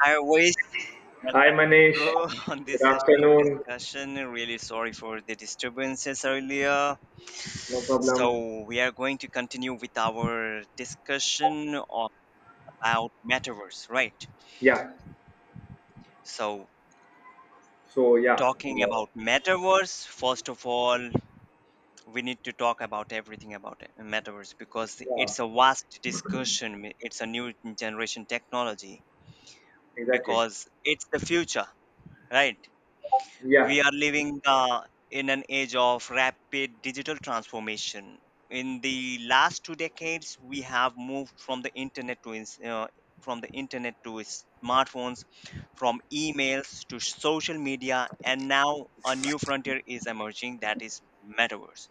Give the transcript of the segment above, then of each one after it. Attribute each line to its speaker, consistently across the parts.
Speaker 1: Hi, voice. Welcome,
Speaker 2: Hi Manish,
Speaker 1: bro, on
Speaker 2: good
Speaker 1: this session of
Speaker 2: afternoon.
Speaker 1: discussion. Really sorry for the disturbances earlier.
Speaker 2: No problem.
Speaker 1: So we are going to continue with our discussion about metaverse, right?
Speaker 2: Yeah.
Speaker 1: So
Speaker 2: So yeah.
Speaker 1: talking
Speaker 2: Yeah,
Speaker 1: about metaverse, first of all, we need to talk about everything about metaverse because
Speaker 2: yeah,
Speaker 1: it's a vast discussion. It's a new generation technology
Speaker 2: exactly.
Speaker 1: because it's the future, right?
Speaker 2: Yeah,
Speaker 1: We are living in an age of rapid digital transformation. In the last two decades, we have moved from the internet to from the internet to smartphones, from emails to social media, and now a new frontier is emerging that is metaverse.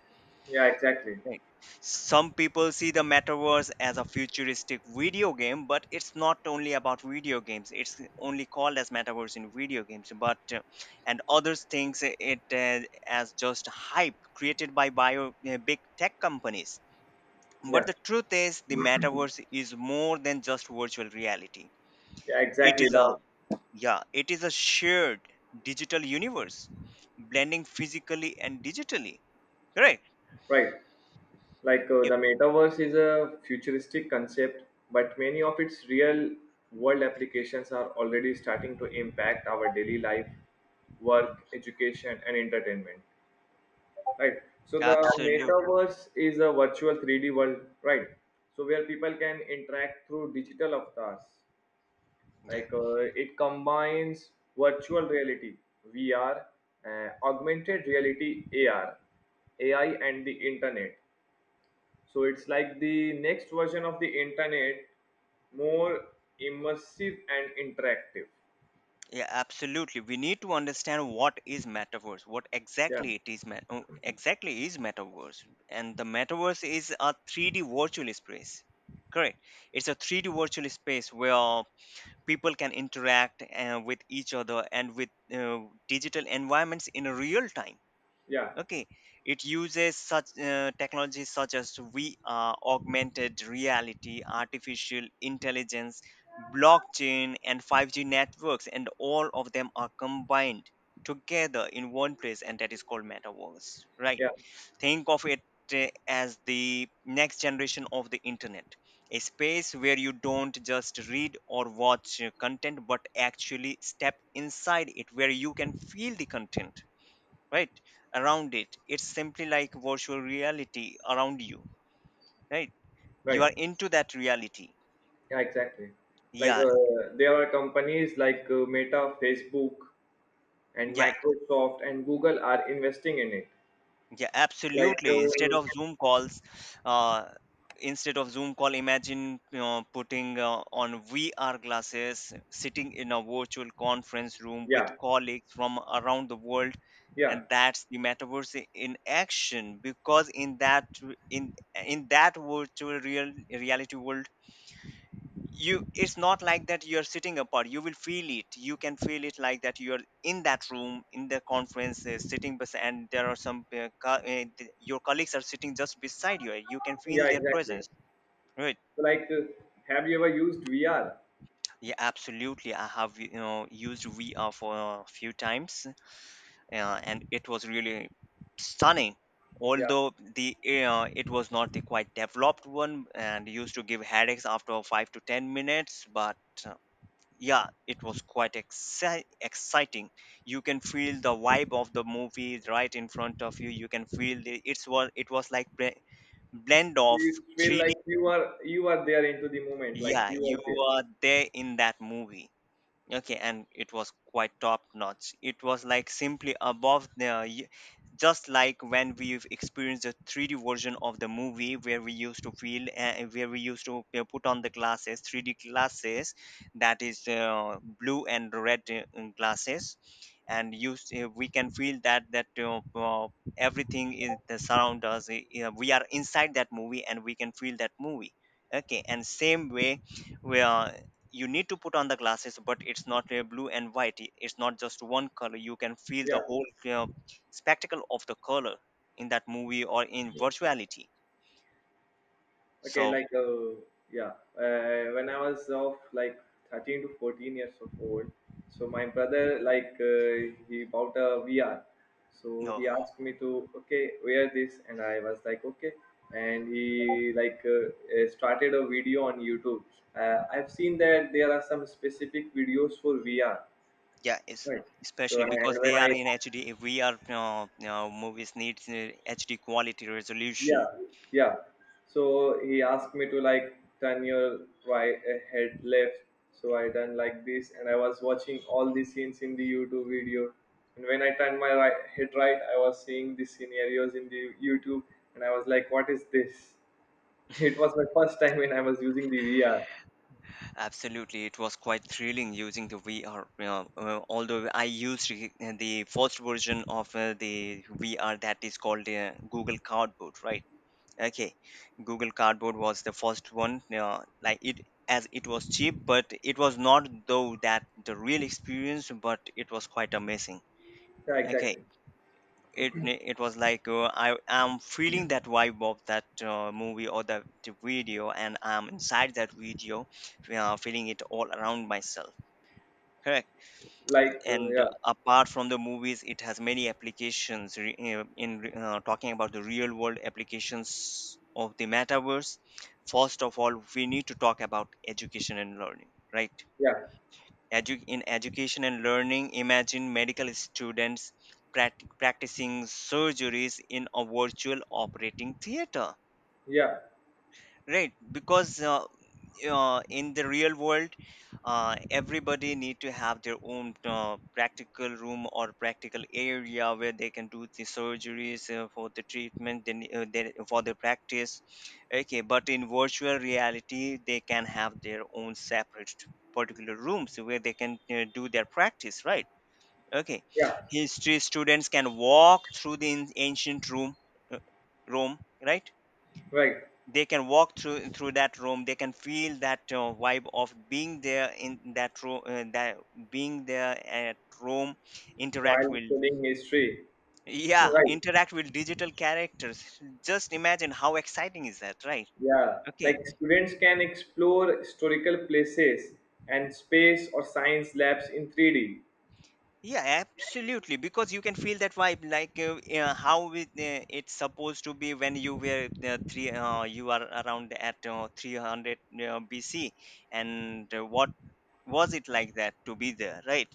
Speaker 2: yeah, exactly.
Speaker 1: Right. Some people see the metaverse as a futuristic video game, but it's not only about video games. It's only called as metaverse in video games, but and others thinks it as just hype created by bio big tech companies. But
Speaker 2: Yeah,
Speaker 1: the truth is, the metaverse is more than just virtual reality.
Speaker 2: yeah,
Speaker 1: It
Speaker 2: exactly.
Speaker 1: is
Speaker 2: Now,
Speaker 1: a Yeah, it is a shared digital universe, blending physically and digitally. Correct.
Speaker 2: right. Like
Speaker 1: Yep.
Speaker 2: the metaverse is a futuristic concept, but many of its real world applications are already starting to impact our daily life,
Speaker 1: Mm.
Speaker 2: work, education, and entertainment. Right. So the
Speaker 1: Absolutely.
Speaker 2: metaverse is a virtual 3D world, right? So where people can interact through digital avatars.
Speaker 1: Yeah.
Speaker 2: Like it combines virtual reality (VR), augmented reality (AR), AI, and the internet. So it's like the next version of the internet, more immersive and interactive.
Speaker 1: Yeah, absolutely. We need to understand what is metaverse, what
Speaker 2: Yeah,
Speaker 1: exactly it is, exactly is metaverse, and the metaverse is a 3D virtual space. Correct. It's a 3D virtual space where people can interact with each other and with digital environments in real time.
Speaker 2: yeah,
Speaker 1: Okay, it uses such technologies such as VR, augmented reality, artificial intelligence, blockchain, and 5G networks, and all of them are combined together in one place, and that is called metaverse, right?
Speaker 2: yeah.
Speaker 1: Think of it as the next generation of the internet, a space where you don't just read or watch content, but actually step inside it, where you can feel the content right around it. It's simply like virtual reality around you, right? You
Speaker 2: Right.
Speaker 1: are into that reality.
Speaker 2: Yeah, exactly. Like
Speaker 1: Yeah.
Speaker 2: there are companies like Meta, Facebook, and
Speaker 1: yeah
Speaker 2: Microsoft and Google are investing in it.
Speaker 1: yeah
Speaker 2: Like,
Speaker 1: absolutely. Instead of zoom calls, uh instead of zoom call, imagine putting on VR glasses, sitting in a virtual conference room with
Speaker 2: yeah,
Speaker 1: colleagues from around the world.
Speaker 2: yeah,
Speaker 1: And that's the metaverse in action, because in that in that virtual reality world, you it's not like that you're sitting apart. You will feel it. You can feel it like that you're in that room in the conference, sitting and there are some your colleagues are sitting just beside you. You can feel
Speaker 2: yeah,
Speaker 1: their
Speaker 2: exactly.
Speaker 1: presence, right?
Speaker 2: So, like, have you ever used VR?
Speaker 1: Yeah, absolutely. I have used VR for a few times, and it was really stunning.
Speaker 2: Yeah,
Speaker 1: Although the it was not the quite developed one and used to give headaches after 5 to 10 minutes. But yeah, it was quite exciting. You can feel the vibe of the movie right in front of you. You can feel the, it was like blend of
Speaker 2: you feel
Speaker 1: 3D.
Speaker 2: like you are there into the moment, like
Speaker 1: Yeah,
Speaker 2: you
Speaker 1: you
Speaker 2: are there.
Speaker 1: are there in that movie. Okay, and it was quite top notch. It was like simply above the, just like when we've experienced the 3D version of the movie, where we used to feel, where we used to put on the glasses, 3D glasses, that is blue and red glasses, and we can feel that everything in the surround us. We are inside that movie and we can feel that movie. Okay, and same way, we are you need to put on the glasses, but it's not a blue and white. It's not just one color. You can feel the
Speaker 2: Yeah.
Speaker 1: whole spectacle of the color in that movie or in virtuality.
Speaker 2: Okay,
Speaker 1: So
Speaker 2: like yeah, when I was of like 13 to 14 years of old, so my brother like he bought a VR, so
Speaker 1: no,
Speaker 2: he asked me to okay wear this, and I was like okay, and he like started a video on YouTube. I've seen that there are some specific videos for VR,
Speaker 1: yeah, it's
Speaker 2: right? So
Speaker 1: especially because
Speaker 2: and when
Speaker 1: they are
Speaker 2: I
Speaker 1: in HD. If we are, movies need HD quality
Speaker 2: Yeah,
Speaker 1: resolution.
Speaker 2: yeah. So he asked me to like turn your right head left. So I done like this, and I was watching all the scenes in the YouTube video. And when I turned my right head right, I was seeing the scenarios in the YouTube, and I was like, "What is this?" It was my first time when I was using the VR.
Speaker 1: Absolutely, it was quite thrilling using the VR, although I used the first version of the VR that is called Google Cardboard, right? Okay, Google Cardboard was the first one. Like it, as it was cheap, but it was not though that the real experience, but it was quite amazing.
Speaker 2: Yeah,
Speaker 1: Okay,
Speaker 2: exactly.
Speaker 1: it was like I am feeling that vibe of that movie or the video, and I'm inside that video, feeling it all around myself. Correct.
Speaker 2: Like,
Speaker 1: And
Speaker 2: yeah,
Speaker 1: apart from the movies, it has many applications re- in talking about the real world applications of the metaverse. First of all, we need to talk about education and learning, right?
Speaker 2: yeah,
Speaker 1: In education and learning, imagine medical students practicing surgeries in a virtual operating theater,
Speaker 2: yeah,
Speaker 1: right? Because in the real world, everybody need to have their own practical room or practical area where they can do the surgeries for the treatment, for the practice. Okay, but in virtual reality they can have their own separate particular rooms where they can do their practice, right? Okay.
Speaker 2: yeah.
Speaker 1: History students can walk through the ancient room uh, Rome, right?
Speaker 2: Right.
Speaker 1: They can walk through that room. They can feel that vibe of being there in that room, that being there at room, interact
Speaker 2: While
Speaker 1: with,
Speaker 2: studying history,
Speaker 1: yeah,
Speaker 2: right.
Speaker 1: interact with digital characters. Just imagine how exciting is that, right?
Speaker 2: Yeah,
Speaker 1: Okay,
Speaker 2: like students can explore historical places and space or science labs in 3D.
Speaker 1: yeah, absolutely. Because you can feel that vibe, like how it's supposed to be when you were three you are around at 300 BC, and what was it like that to be there, right,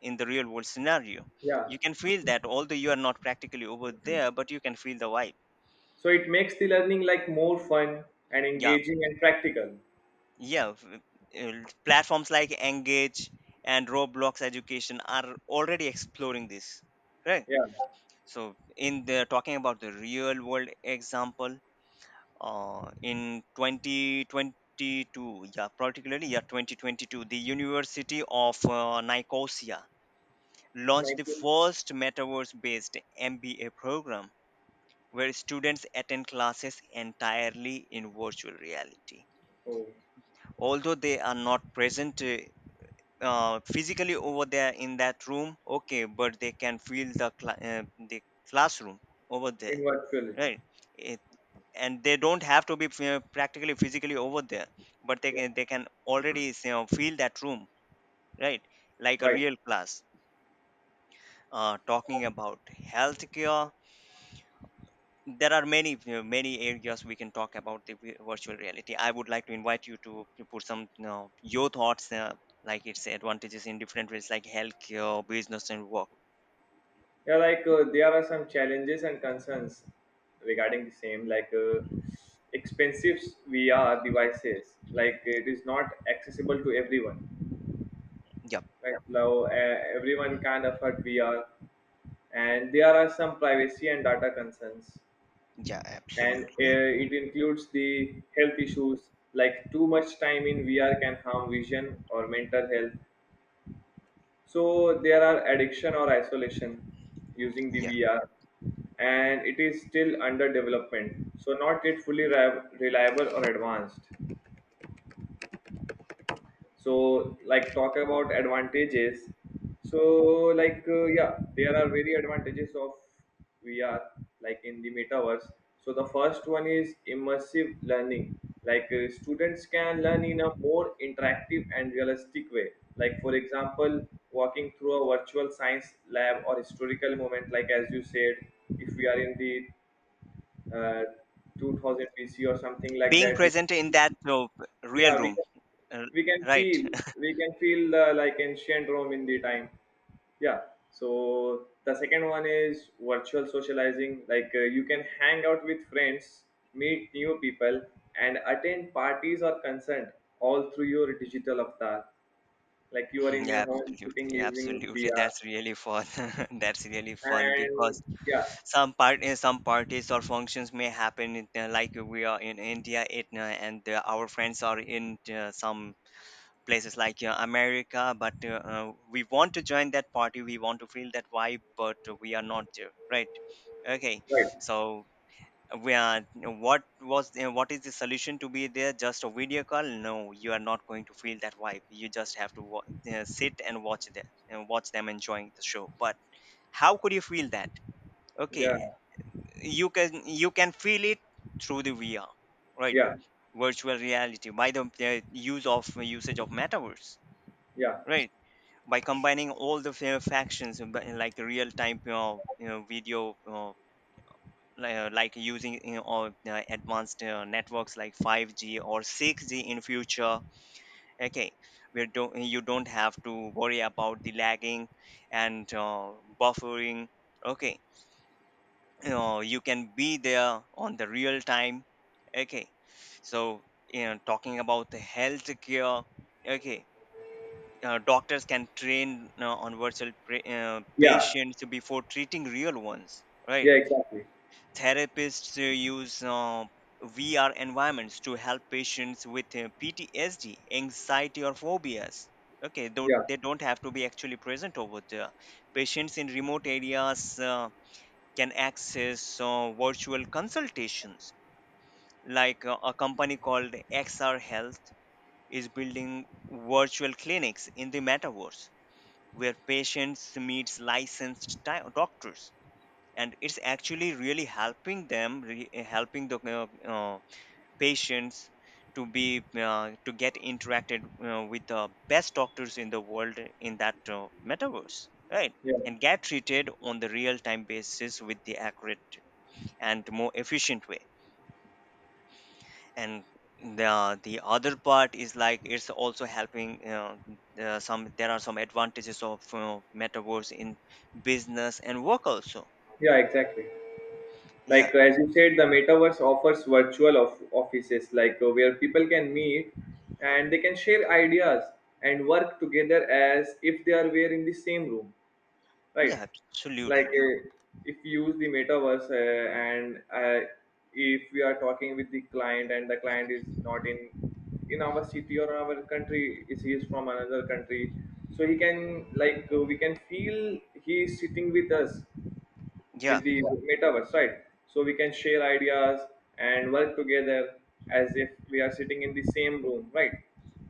Speaker 1: in the real world scenario.
Speaker 2: Yeah,
Speaker 1: You can feel that, although you are not practically over there, but you can feel the vibe.
Speaker 2: so it makes the learning like more fun and
Speaker 1: yeah
Speaker 2: engaging and practical.
Speaker 1: yeah v- uh, platforms like Engage and Roblox Education are already exploring this, right?
Speaker 2: Yeah,
Speaker 1: So in the talking about the real world example, in 2022, yeah, particularly, yeah, 2022, the University of Nicosia launched
Speaker 2: like
Speaker 1: the first metaverse based MBA program, where students attend classes entirely in virtual reality.
Speaker 2: oh,
Speaker 1: Although they are not present physically over there in that room, okay, but they can feel the classroom over
Speaker 2: in
Speaker 1: there,
Speaker 2: virtuality.
Speaker 1: right? It, and they don't have to be practically physically over there, but
Speaker 2: Yeah,
Speaker 1: they can already feel that room, right? Like a
Speaker 2: right.
Speaker 1: real class. Talking about healthcare, there are many many areas we can talk about the virtual reality. I would like to invite you to put some your thoughts, like its advantages in different ways, like healthcare, business and work.
Speaker 2: Yeah, like there are some challenges and concerns regarding the same, like expensive VR devices. Like it is not accessible to everyone.
Speaker 1: Yeah.
Speaker 2: Like now, everyone can't afford VR, and there are some privacy and data concerns,
Speaker 1: Yeah,
Speaker 2: and
Speaker 1: absolutely.
Speaker 2: it includes the health issues like too much time in VR can harm vision or mental health. So there are addiction or isolation using the
Speaker 1: Yeah,
Speaker 2: VR, and it is still under development, so not yet fully reliable or advanced. So like talk about advantages. So like, yeah, there are very advantages of VR like in the metaverse. So the first one is immersive learning. Like students can learn in a more interactive and realistic way, like for example walking through a virtual science lab or historical moment. Like as you said, if we are in the uh, 2000 BC or something like
Speaker 1: being
Speaker 2: that, we,
Speaker 1: present in that real
Speaker 2: yeah,
Speaker 1: room, uh,
Speaker 2: we can
Speaker 1: right.
Speaker 2: feel we can feel the like ancient Rome in the time, yeah. So the second one is virtual socializing. Like you can hang out with friends, meet new people, and attend parties or concert all through your digital avatar, like you are in
Speaker 1: Yeah,
Speaker 2: your home sitting
Speaker 1: absolutely
Speaker 2: using
Speaker 1: absolutely
Speaker 2: VR.
Speaker 1: that's really fun. That's really fun,
Speaker 2: And
Speaker 1: because
Speaker 2: yeah,
Speaker 1: some some parties or functions may happen in, like we are in India, it, and our friends are in some places like America, but we want to join that party, we want to feel that vibe, but we are not there, right? Okay,
Speaker 2: right.
Speaker 1: so we are. What is the solution to be there? Just a video call? No, you are not going to feel that vibe. You just have to sit and watch them enjoying the show. But how could you feel that? Okay,
Speaker 2: Yeah,
Speaker 1: you can feel it through the VR, right?
Speaker 2: yeah,
Speaker 1: Virtual reality by the use of usage of metaverse,
Speaker 2: yeah,
Speaker 1: right? By combining all the factions, but in like real time, you know, video, like using advanced networks like 5G or 6G in future. Okay, you don't have to worry about the lagging and buffering. Okay, you can be there on the real time. Okay, so talking about the health care. Okay, doctors can train on virtual
Speaker 2: yeah,
Speaker 1: patients before treating real ones, right?
Speaker 2: yeah, exactly.
Speaker 1: Therapists use VR environments to help patients with PTSD, anxiety, or phobias. Okay, don't,
Speaker 2: Yeah,
Speaker 1: they don't have to be actually present over there. Patients in remote areas can access virtual consultations. Like a company called XR Health is building virtual clinics in the metaverse, where patients meets licensed doctors. And it's actually really helping helping the patients to get interacted with the best doctors in the world in that metaverse, right?
Speaker 2: yeah,
Speaker 1: And get treated on the real time basis with the accurate and more efficient way. And the other part is like it's also helping some, there are some advantages of metaverse in business and work also.
Speaker 2: yeah, exactly.
Speaker 1: Yeah.
Speaker 2: Like as you said, the metaverse offers virtual of offices, like where people can meet and they can share ideas and work together as if they are were in the same room, right?
Speaker 1: Yeah,
Speaker 2: Like,
Speaker 1: absolutely.
Speaker 2: if you use the metaverse and if we are talking with the client and the client is not in our city or our country, is he is from another country, so he can like, we can feel he is sitting with us
Speaker 1: Yeah.
Speaker 2: with the metaverse, right? So we can share ideas and work together as if we are sitting in the same room, right?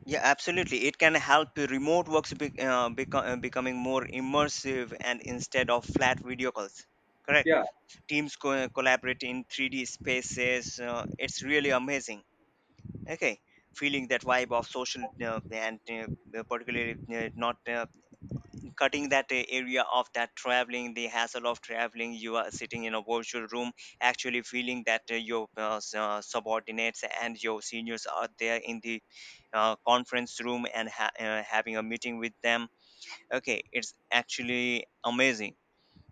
Speaker 1: Yeah, absolutely, it can help the remote works becoming more immersive, and instead of flat video calls, correct,
Speaker 2: Yeah,
Speaker 1: teams collaborate in 3D spaces. It's really amazing. Okay, feeling that vibe of social, and particularly not cutting that area of that traveling, the hassle of traveling. You are sitting in a virtual room, actually feeling that your subordinates and your seniors are there in the conference room and having a meeting with them. Okay, it's actually amazing.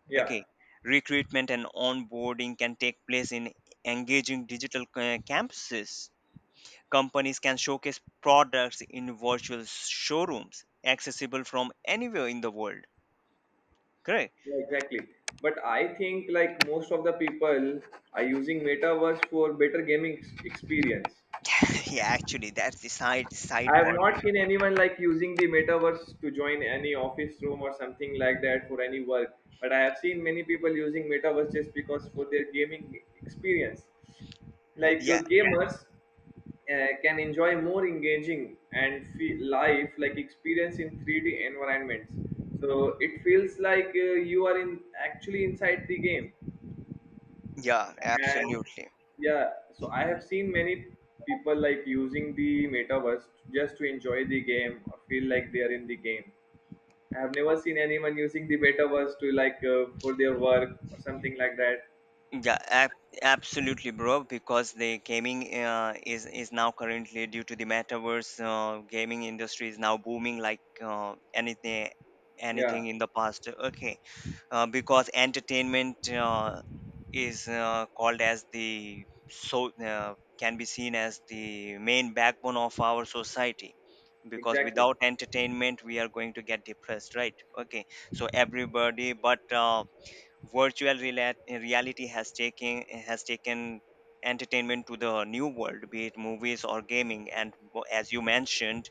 Speaker 2: yeah,
Speaker 1: Okay, recruitment and onboarding can take place in engaging digital campuses. Companies can showcase products in virtual showrooms accessible from anywhere in the world. Correct.
Speaker 2: yeah, exactly. But I think like most of the people are using metaverse for better gaming experience.
Speaker 1: Yeah, actually, that's the side
Speaker 2: I
Speaker 1: side
Speaker 2: have not
Speaker 1: partner.
Speaker 2: seen anyone like using the metaverse to join any office room or something like that for any work. But I have seen many people using metaverse just because for their gaming experience. Like
Speaker 1: Yeah,
Speaker 2: yeah, gamers can enjoy more engaging and life like experience in 3D environments. So it feels like you are in actually inside the game.
Speaker 1: yeah,
Speaker 2: And
Speaker 1: absolutely.
Speaker 2: yeah, so I have seen many people like using the metaverse just to enjoy the game or feel like they are in the game. I have never seen anyone using the metaverse to like, for their work or something like that.
Speaker 1: Yeah, absolutely, bro. Because the gaming is now currently, due to the metaverse, gaming industry is now booming like anything
Speaker 2: Yeah,
Speaker 1: anything in the past. Okay, because entertainment is called as the can be seen as the main backbone of our society, because
Speaker 2: exactly.
Speaker 1: without entertainment we are going to get depressed, right? Okay, so everybody, but virtual reality has taken entertainment to the new world, be it movies or gaming. And as you mentioned,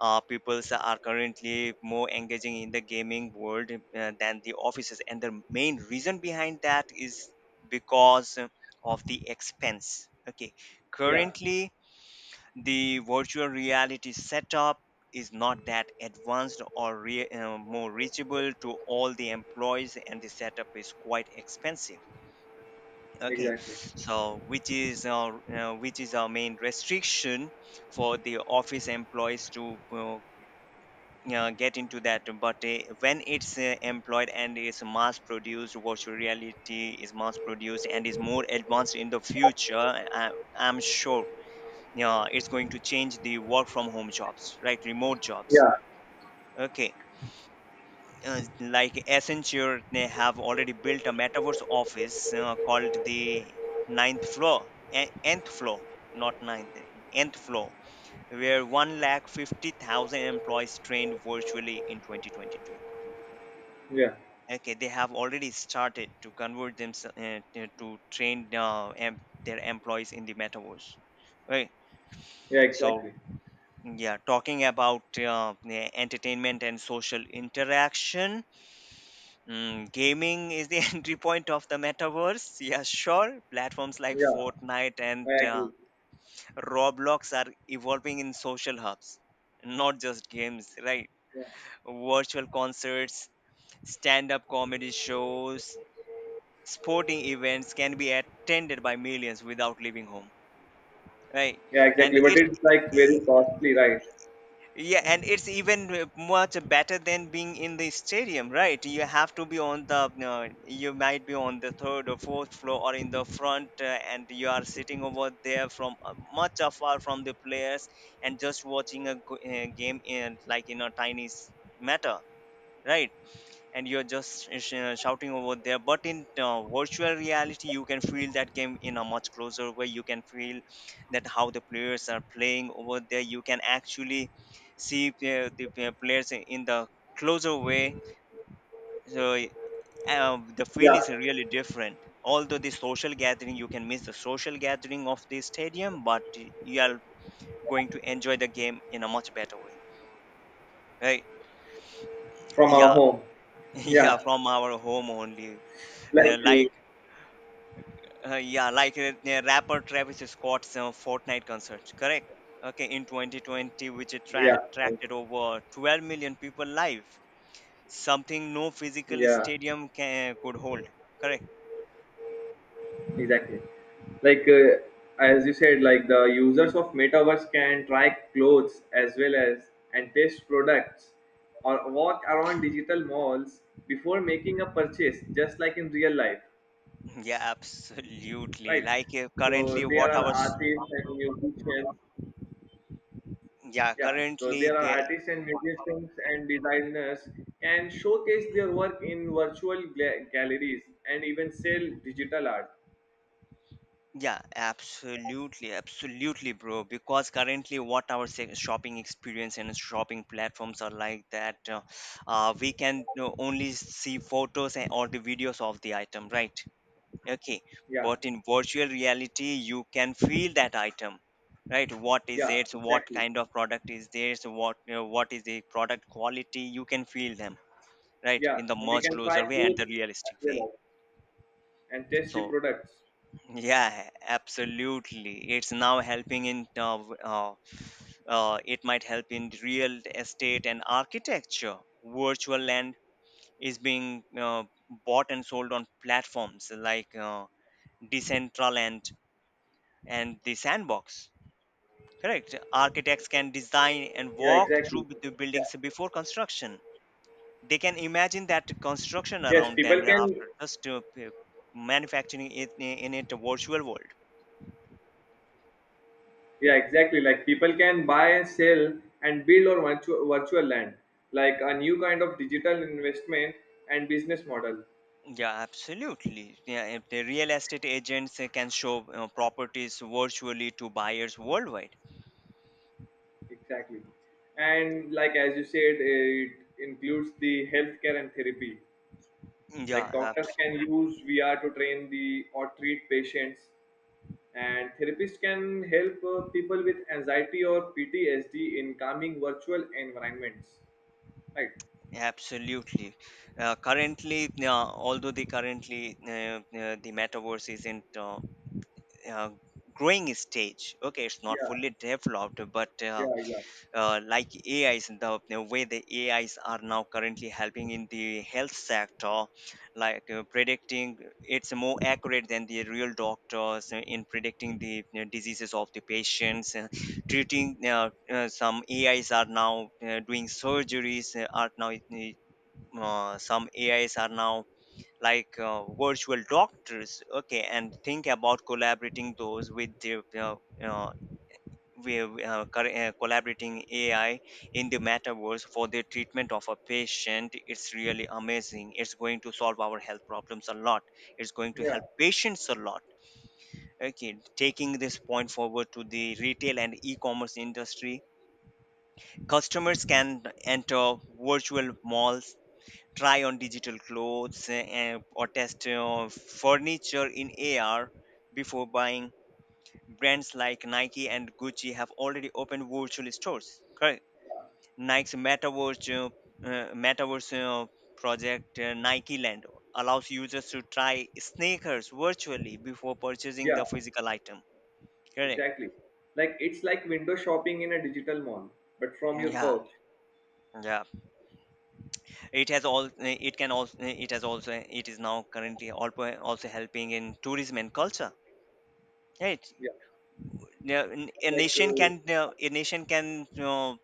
Speaker 1: peoples are currently more engaging in the gaming world, than the offices, and the main reason behind that is because of the expense. Okay,
Speaker 2: Yeah,
Speaker 1: currently the virtual reality setup is not that advanced or more reachable to all the employees, and the setup is quite expensive. Okay,
Speaker 2: exactly.
Speaker 1: so which is our main restriction for the office employees to get into that. But when it's employed and is mass produced, virtual reality is mass produced and is more advanced in the future, I'm sure. Yeah, it's going to change the work from home jobs, right? Remote jobs.
Speaker 2: Yeah,
Speaker 1: Okay, like Accenture, they have already built a metaverse office called the ninth floor, eh, nth floor. Not ninth, nth floor, where 1 lakh 50,000 employees trained virtually in 2022.
Speaker 2: yeah,
Speaker 1: Okay, they have already started to convert them to train their employees in the metaverse, right?
Speaker 2: yeah,
Speaker 1: So
Speaker 2: exactly.
Speaker 1: yeah, talking about entertainment and social interaction, gaming is the entry point of the metaverse. Yeah, sure. Platforms like
Speaker 2: Yeah,
Speaker 1: Fortnite and
Speaker 2: I agree.
Speaker 1: Roblox are evolving in social hubs, not just games, right?
Speaker 2: Yeah,
Speaker 1: Virtual concerts, stand up comedy shows, sporting events can be attended by millions without leaving home, right?
Speaker 2: yeah, exactly.
Speaker 1: And
Speaker 2: But
Speaker 1: it's
Speaker 2: it's like very costly, right?
Speaker 1: Yeah, and it's even much better than being in the stadium, right? You have to be you might be on the third or fourth floor or in the front, and you are sitting over there from much afar from the players, and just watching a game in like in a matter, right? And you're just shouting over there. But in virtual reality, you can feel that game in a much closer way. You can feel that how the players are playing over there. You can actually see the players in the closer way. So the feel
Speaker 2: Yeah,
Speaker 1: is really different. Although the social gathering, you can miss the social gathering of the stadium, but you are going to enjoy the game in a much better way, right?
Speaker 2: from our
Speaker 1: Yeah.
Speaker 2: home.
Speaker 1: Yeah,
Speaker 2: Yeah,
Speaker 1: from our home only. uh,
Speaker 2: like,
Speaker 1: like yeah, like the rapper Travis Scott's Fortnite concert, correct? Okay, in 2020, which
Speaker 2: yeah,
Speaker 1: attracted over 12 million people live, something no physical
Speaker 2: yeah.
Speaker 1: stadium could hold, correct?
Speaker 2: Exactly. Like as you said, like the users of metaverse can try clothes as well as and taste products or walk around digital malls before making a purchase, just like in real life,
Speaker 1: Yeah, absolutely.
Speaker 2: right?
Speaker 1: Like
Speaker 2: So
Speaker 1: currently,
Speaker 2: there are artists and musicians.
Speaker 1: yeah,
Speaker 2: Yeah. So
Speaker 1: currently
Speaker 2: there are artists and musicians and designers can showcase their work in virtual galleries and even sell digital art.
Speaker 1: yeah, absolutely, absolutely, bro. Because currently, shopping experience and shopping platforms are like that, we can only see photos and or the videos of the item, right? Okay,
Speaker 2: Yeah.
Speaker 1: but in virtual reality, you can feel that item, right? What is
Speaker 2: Yeah.
Speaker 1: it? What
Speaker 2: Exactly.
Speaker 1: kind of product is this? What is the product quality? You can feel them, right,
Speaker 2: Yeah,
Speaker 1: in the
Speaker 2: and we
Speaker 1: much
Speaker 2: can
Speaker 1: closer
Speaker 2: try
Speaker 1: way and
Speaker 2: clothes
Speaker 1: the
Speaker 2: as
Speaker 1: realistic way.
Speaker 2: well and test the
Speaker 1: So
Speaker 2: products.
Speaker 1: yeah, absolutely. It's now helping in it might help in real estate and architecture. Virtual land is being bought and sold on platforms like Decentraland and the Sandbox. Correct. Architects can design and
Speaker 2: Yeah,
Speaker 1: walk
Speaker 2: exactly.
Speaker 1: through the
Speaker 2: Yeah.
Speaker 1: buildings before construction. They can imagine that construction
Speaker 2: Yes,
Speaker 1: around
Speaker 2: people
Speaker 1: them
Speaker 2: can.
Speaker 1: after just manufacturing it in it a virtual world.
Speaker 2: Yeah, exactly. Like people can buy and sell and build or virtual land, like a new kind of digital investment and business model.
Speaker 1: Yeah, absolutely. Yeah, if the real estate agents can show properties virtually to buyers worldwide.
Speaker 2: Exactly. And like as you said, it includes the healthcare and therapy.
Speaker 1: Yeah,
Speaker 2: Like doctors
Speaker 1: abs-
Speaker 2: can use VR to train the or treat patients, and therapists can help people with anxiety or PTSD in calming virtual environments. Right?
Speaker 1: absolutely. Currently, although the currently the metaverse isn't uh, growing stage. Okay, it's not
Speaker 2: Yeah,
Speaker 1: fully developed, but
Speaker 2: yeah, yeah,
Speaker 1: like AIs, the way the AIs are now currently helping in the health sector, like predicting, it's more accurate than the real doctors in predicting the diseases of the patients. Treating, some AIs are now doing surgeries, are now some AIs are now like virtual doctors. Okay, and think about collaborating those with the uh, we are collaborating AI in the metaverse for the treatment of a patient. It's really amazing. It's going to solve our health problems a lot. It's going to
Speaker 2: yeah,
Speaker 1: help patients a lot. Okay, taking this point forward to the retail and e-commerce industry, customers can enter virtual malls, try on digital clothes, or test furniture in AR before buying. Brands like Nike and Gucci have already opened virtual stores. Correct? Nike's metaverse uh, metaverse uh, project, Nike Land, allows users to try sneakers virtually before purchasing
Speaker 2: yeah.
Speaker 1: the physical item. Correct.
Speaker 2: Exactly. Like it's like window shopping in a digital mall, but from your
Speaker 1: Yeah,
Speaker 2: couch.
Speaker 1: yeah. It has all. It can also. It has also. It is now currently also helping in tourism and culture. Right.
Speaker 2: Yeah.
Speaker 1: Now, a
Speaker 2: Like,
Speaker 1: nation can. A nation can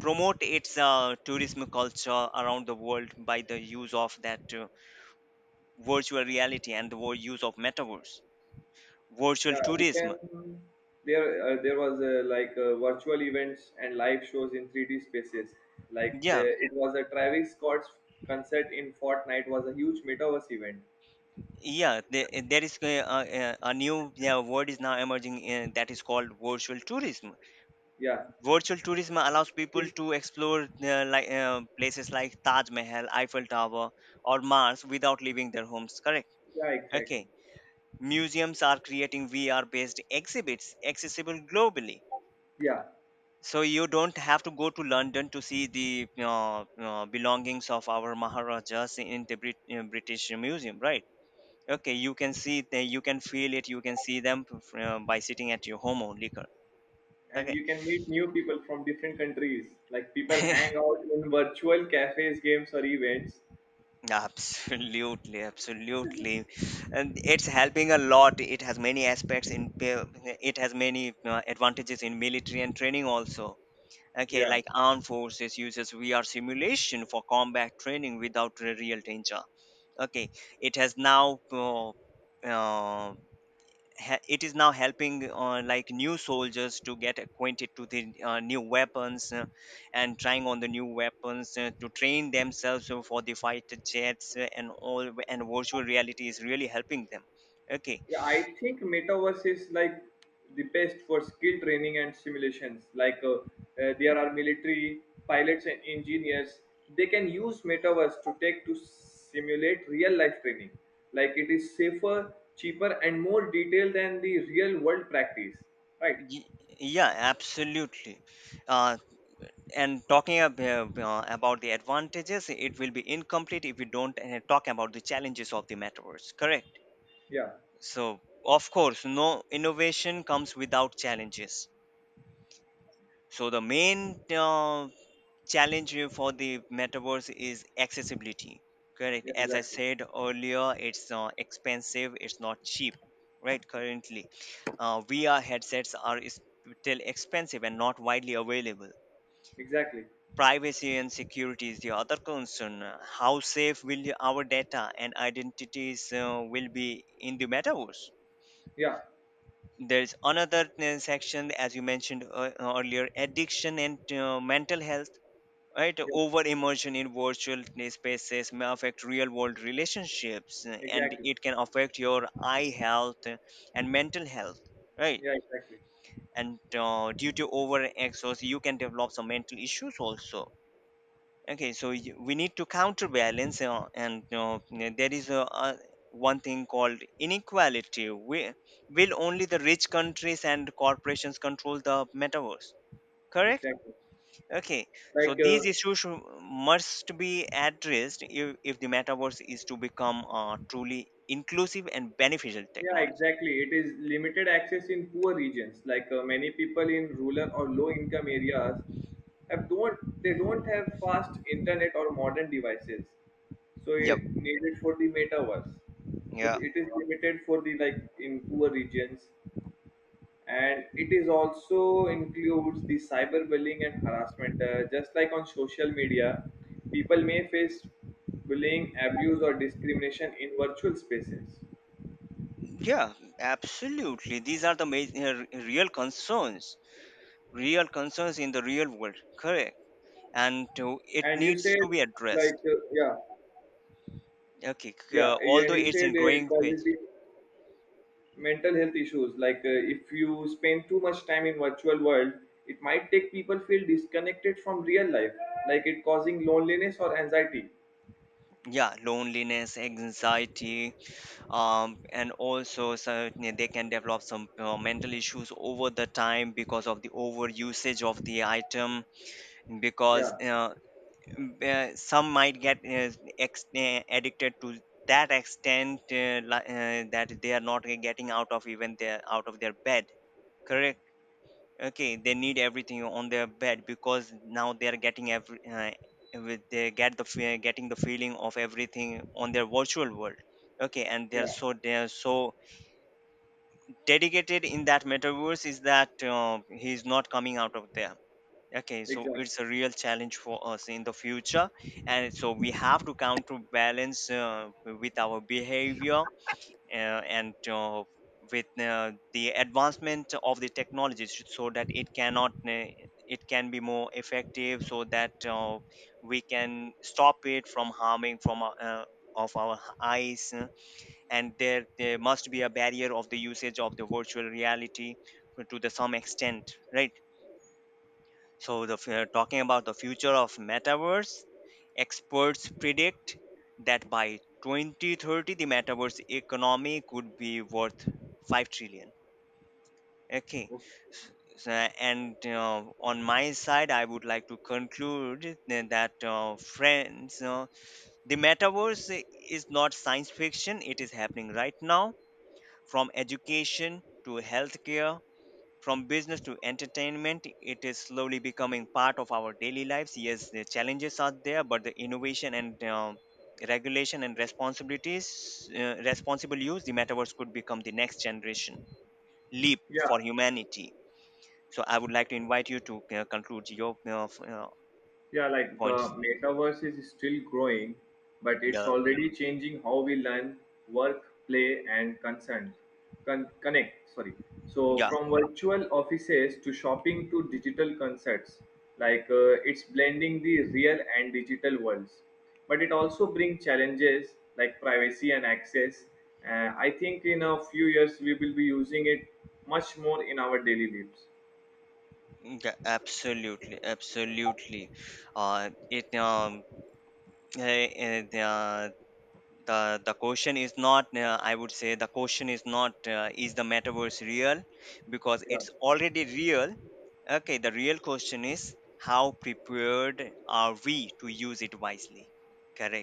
Speaker 1: promote its tourism culture around the world by the use of that virtual reality and the use of metaverse. Virtual
Speaker 2: yeah, we
Speaker 1: tourism.
Speaker 2: can. There was like virtual events and live shows in 3D spaces. Like the,
Speaker 1: Yeah.
Speaker 2: it was a Travis Scott's concert in Fortnite was a huge metaverse event.
Speaker 1: Yeah, there is a new, yeah, word is now emerging, that is called virtual tourism.
Speaker 2: Yeah.
Speaker 1: Virtual tourism allows people to explore places like Taj Mahal, Eiffel Tower or Mars, without leaving their homes, correct?
Speaker 2: Yeah,
Speaker 1: Okay,
Speaker 2: exactly.
Speaker 1: museums are creating VR based exhibits accessible globally.
Speaker 2: Yeah.
Speaker 1: So you don't have to go to London to see the belongings of our maharajas in the British Museum, right? Okay, you can see they, you can feel it, you can see them by sitting at your home only,
Speaker 2: And
Speaker 1: okay.
Speaker 2: you can meet new people from different countries. Like people hang out in virtual cafes, games, or events.
Speaker 1: Absolutely, absolutely. And it's helping a lot. It has many aspects in it has many advantages in military and training also. Okay,
Speaker 2: Yeah.
Speaker 1: like armed forces uses VR simulation for combat training without real danger. Okay, it has now uh, uh, it is now helping like new soldiers to get acquainted to the new weapons and trying on the new weapons to train themselves for the fighter jets and all. And virtual reality is really helping them. Okay.
Speaker 2: Yeah, I think metaverse is like the best for skill training and simulations. Like there are military pilots and engineers. They can use metaverse to simulate real life training. Like it is safer, cheaper, and more detailed than the real world practice. Right?
Speaker 1: Y- yeah, absolutely. uh, and talking about the advantages, it will be incomplete if we don't talk about the challenges of the metaverse, correct?
Speaker 2: Yeah.
Speaker 1: So of course, no innovation comes without challenges. So the main challenge for the metaverse is accessibility. Correct.
Speaker 2: Yeah.
Speaker 1: As I
Speaker 2: Exactly.
Speaker 1: said earlier, it's expensive. It's not cheap. Right. Currently, VR headsets still expensive and not widely available.
Speaker 2: Exactly.
Speaker 1: Privacy and security is the other concern. How safe will our data and identities will be in the metaverse?
Speaker 2: Yeah,
Speaker 1: There's another section, as you mentioned earlier, addiction and mental health, right?
Speaker 2: yeah,
Speaker 1: Over immersion in virtual spaces may affect real world relationships, and
Speaker 2: exactly.
Speaker 1: it can affect your eye health and mental health, right?
Speaker 2: Yeah, exactly,
Speaker 1: And due to over exhaust, you can develop some mental issues also. Okay, so we need to counterbalance, and there is a one thing called inequality. Will only the rich countries and corporations control the metaverse, correct?
Speaker 2: exactly.
Speaker 1: Okay, so
Speaker 2: Like,
Speaker 1: these issues must be addressed, if the metaverse is to become a truly inclusive and beneficial
Speaker 2: yeah,
Speaker 1: technology.
Speaker 2: exactly. It is limited access in poor regions. Like many people in rural or low-income areas have don't they don't have fast internet or modern devices, so
Speaker 1: Yep,
Speaker 2: it needed for the metaverse. So
Speaker 1: yeah,
Speaker 2: it is limited for the like in poor regions. And it is also includes the cyberbullying and harassment, just like on social media people may face bullying, abuse, or discrimination in virtual spaces.
Speaker 1: yeah, absolutely. These are the major real concerns in the real world, correct? And it
Speaker 2: And you
Speaker 1: needs
Speaker 2: said,
Speaker 1: to be
Speaker 2: like,
Speaker 1: addressed.
Speaker 2: yeah,
Speaker 1: Okay,
Speaker 2: yeah,
Speaker 1: although
Speaker 2: and you
Speaker 1: it's
Speaker 2: said
Speaker 1: in
Speaker 2: it
Speaker 1: growing
Speaker 2: causes
Speaker 1: phase,
Speaker 2: the mental health issues. Like, if you spend too much time in virtual world, it might take people feel disconnected from real life, like it causing loneliness or anxiety.
Speaker 1: yeah, loneliness, anxiety, and also, so they can develop some mental issues over the time because of the over usage of the item. Because
Speaker 2: Yeah.
Speaker 1: some might get addicted to that extent, that they are not getting out of even their out of their bed, correct? Okay, they need everything on their bed because now they are getting every with they get the getting the feeling of everything on their virtual world. Okay, and they're
Speaker 2: Yeah,
Speaker 1: so they're so dedicated in that metaverse is that he's not coming out of there. Okay, so
Speaker 2: exactly.
Speaker 1: it's a real challenge for us in the future. And so we have to counterbalance with our behavior, and with the advancement of the technologies, so that it cannot it can be more effective, so that we can stop it from harming from our, of our eyes, and there must be a barrier of the usage of the virtual reality to the some extent, right? So the talking about the future of metaverse, experts predict that by 2030 the metaverse economy could be worth 5 trillion. Okay.
Speaker 2: Okay.
Speaker 1: S- s- and on my side, I would like to conclude that, friends, the metaverse is not science fiction. It is happening right now. From education to healthcare, from business to entertainment, it is slowly becoming part of our daily lives. Yes, the challenges are there, but the innovation and regulation and responsibilities, responsible use, the metaverse could become the next generation leap
Speaker 2: Yeah.
Speaker 1: for humanity. So I would like to invite you to conclude your
Speaker 2: Yeah, like the
Speaker 1: points.
Speaker 2: metaverse is still growing, but it's
Speaker 1: Yeah,
Speaker 2: already changing how we learn, work, play, and consent, connect. Sorry. So
Speaker 1: yeah,
Speaker 2: from virtual offices to shopping to digital concepts, like it's blending the real and digital worlds. But it also brings challenges like privacy and access. I think in a few years we will be using it much more in our daily lives.
Speaker 1: yeah, absolutely, absolutely. It uh, uh, the question is not, I would say the question is not, is the metaverse real, because
Speaker 2: Yeah.
Speaker 1: it's already real. Okay, the real question is how prepared are we to use it wisely,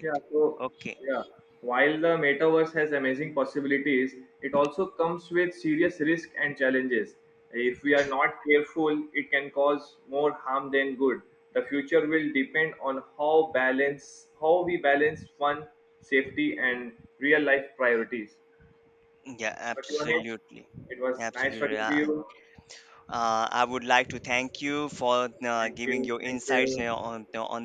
Speaker 2: Yeah, so
Speaker 1: Okay,
Speaker 2: yeah, while the metaverse has amazing possibilities, it also comes with serious risk and challenges. If we are not careful, it can cause more harm than good. The future will depend on how we balance fun, safety, and real life priorities.
Speaker 1: yeah,
Speaker 2: But Yonesh,
Speaker 1: absolutely,
Speaker 2: it was nice
Speaker 1: absolutely.
Speaker 2: talking to you.
Speaker 1: I would like to thank you for
Speaker 2: Thank
Speaker 1: giving
Speaker 2: you.
Speaker 1: your
Speaker 2: Thank
Speaker 1: insights
Speaker 2: you.
Speaker 1: on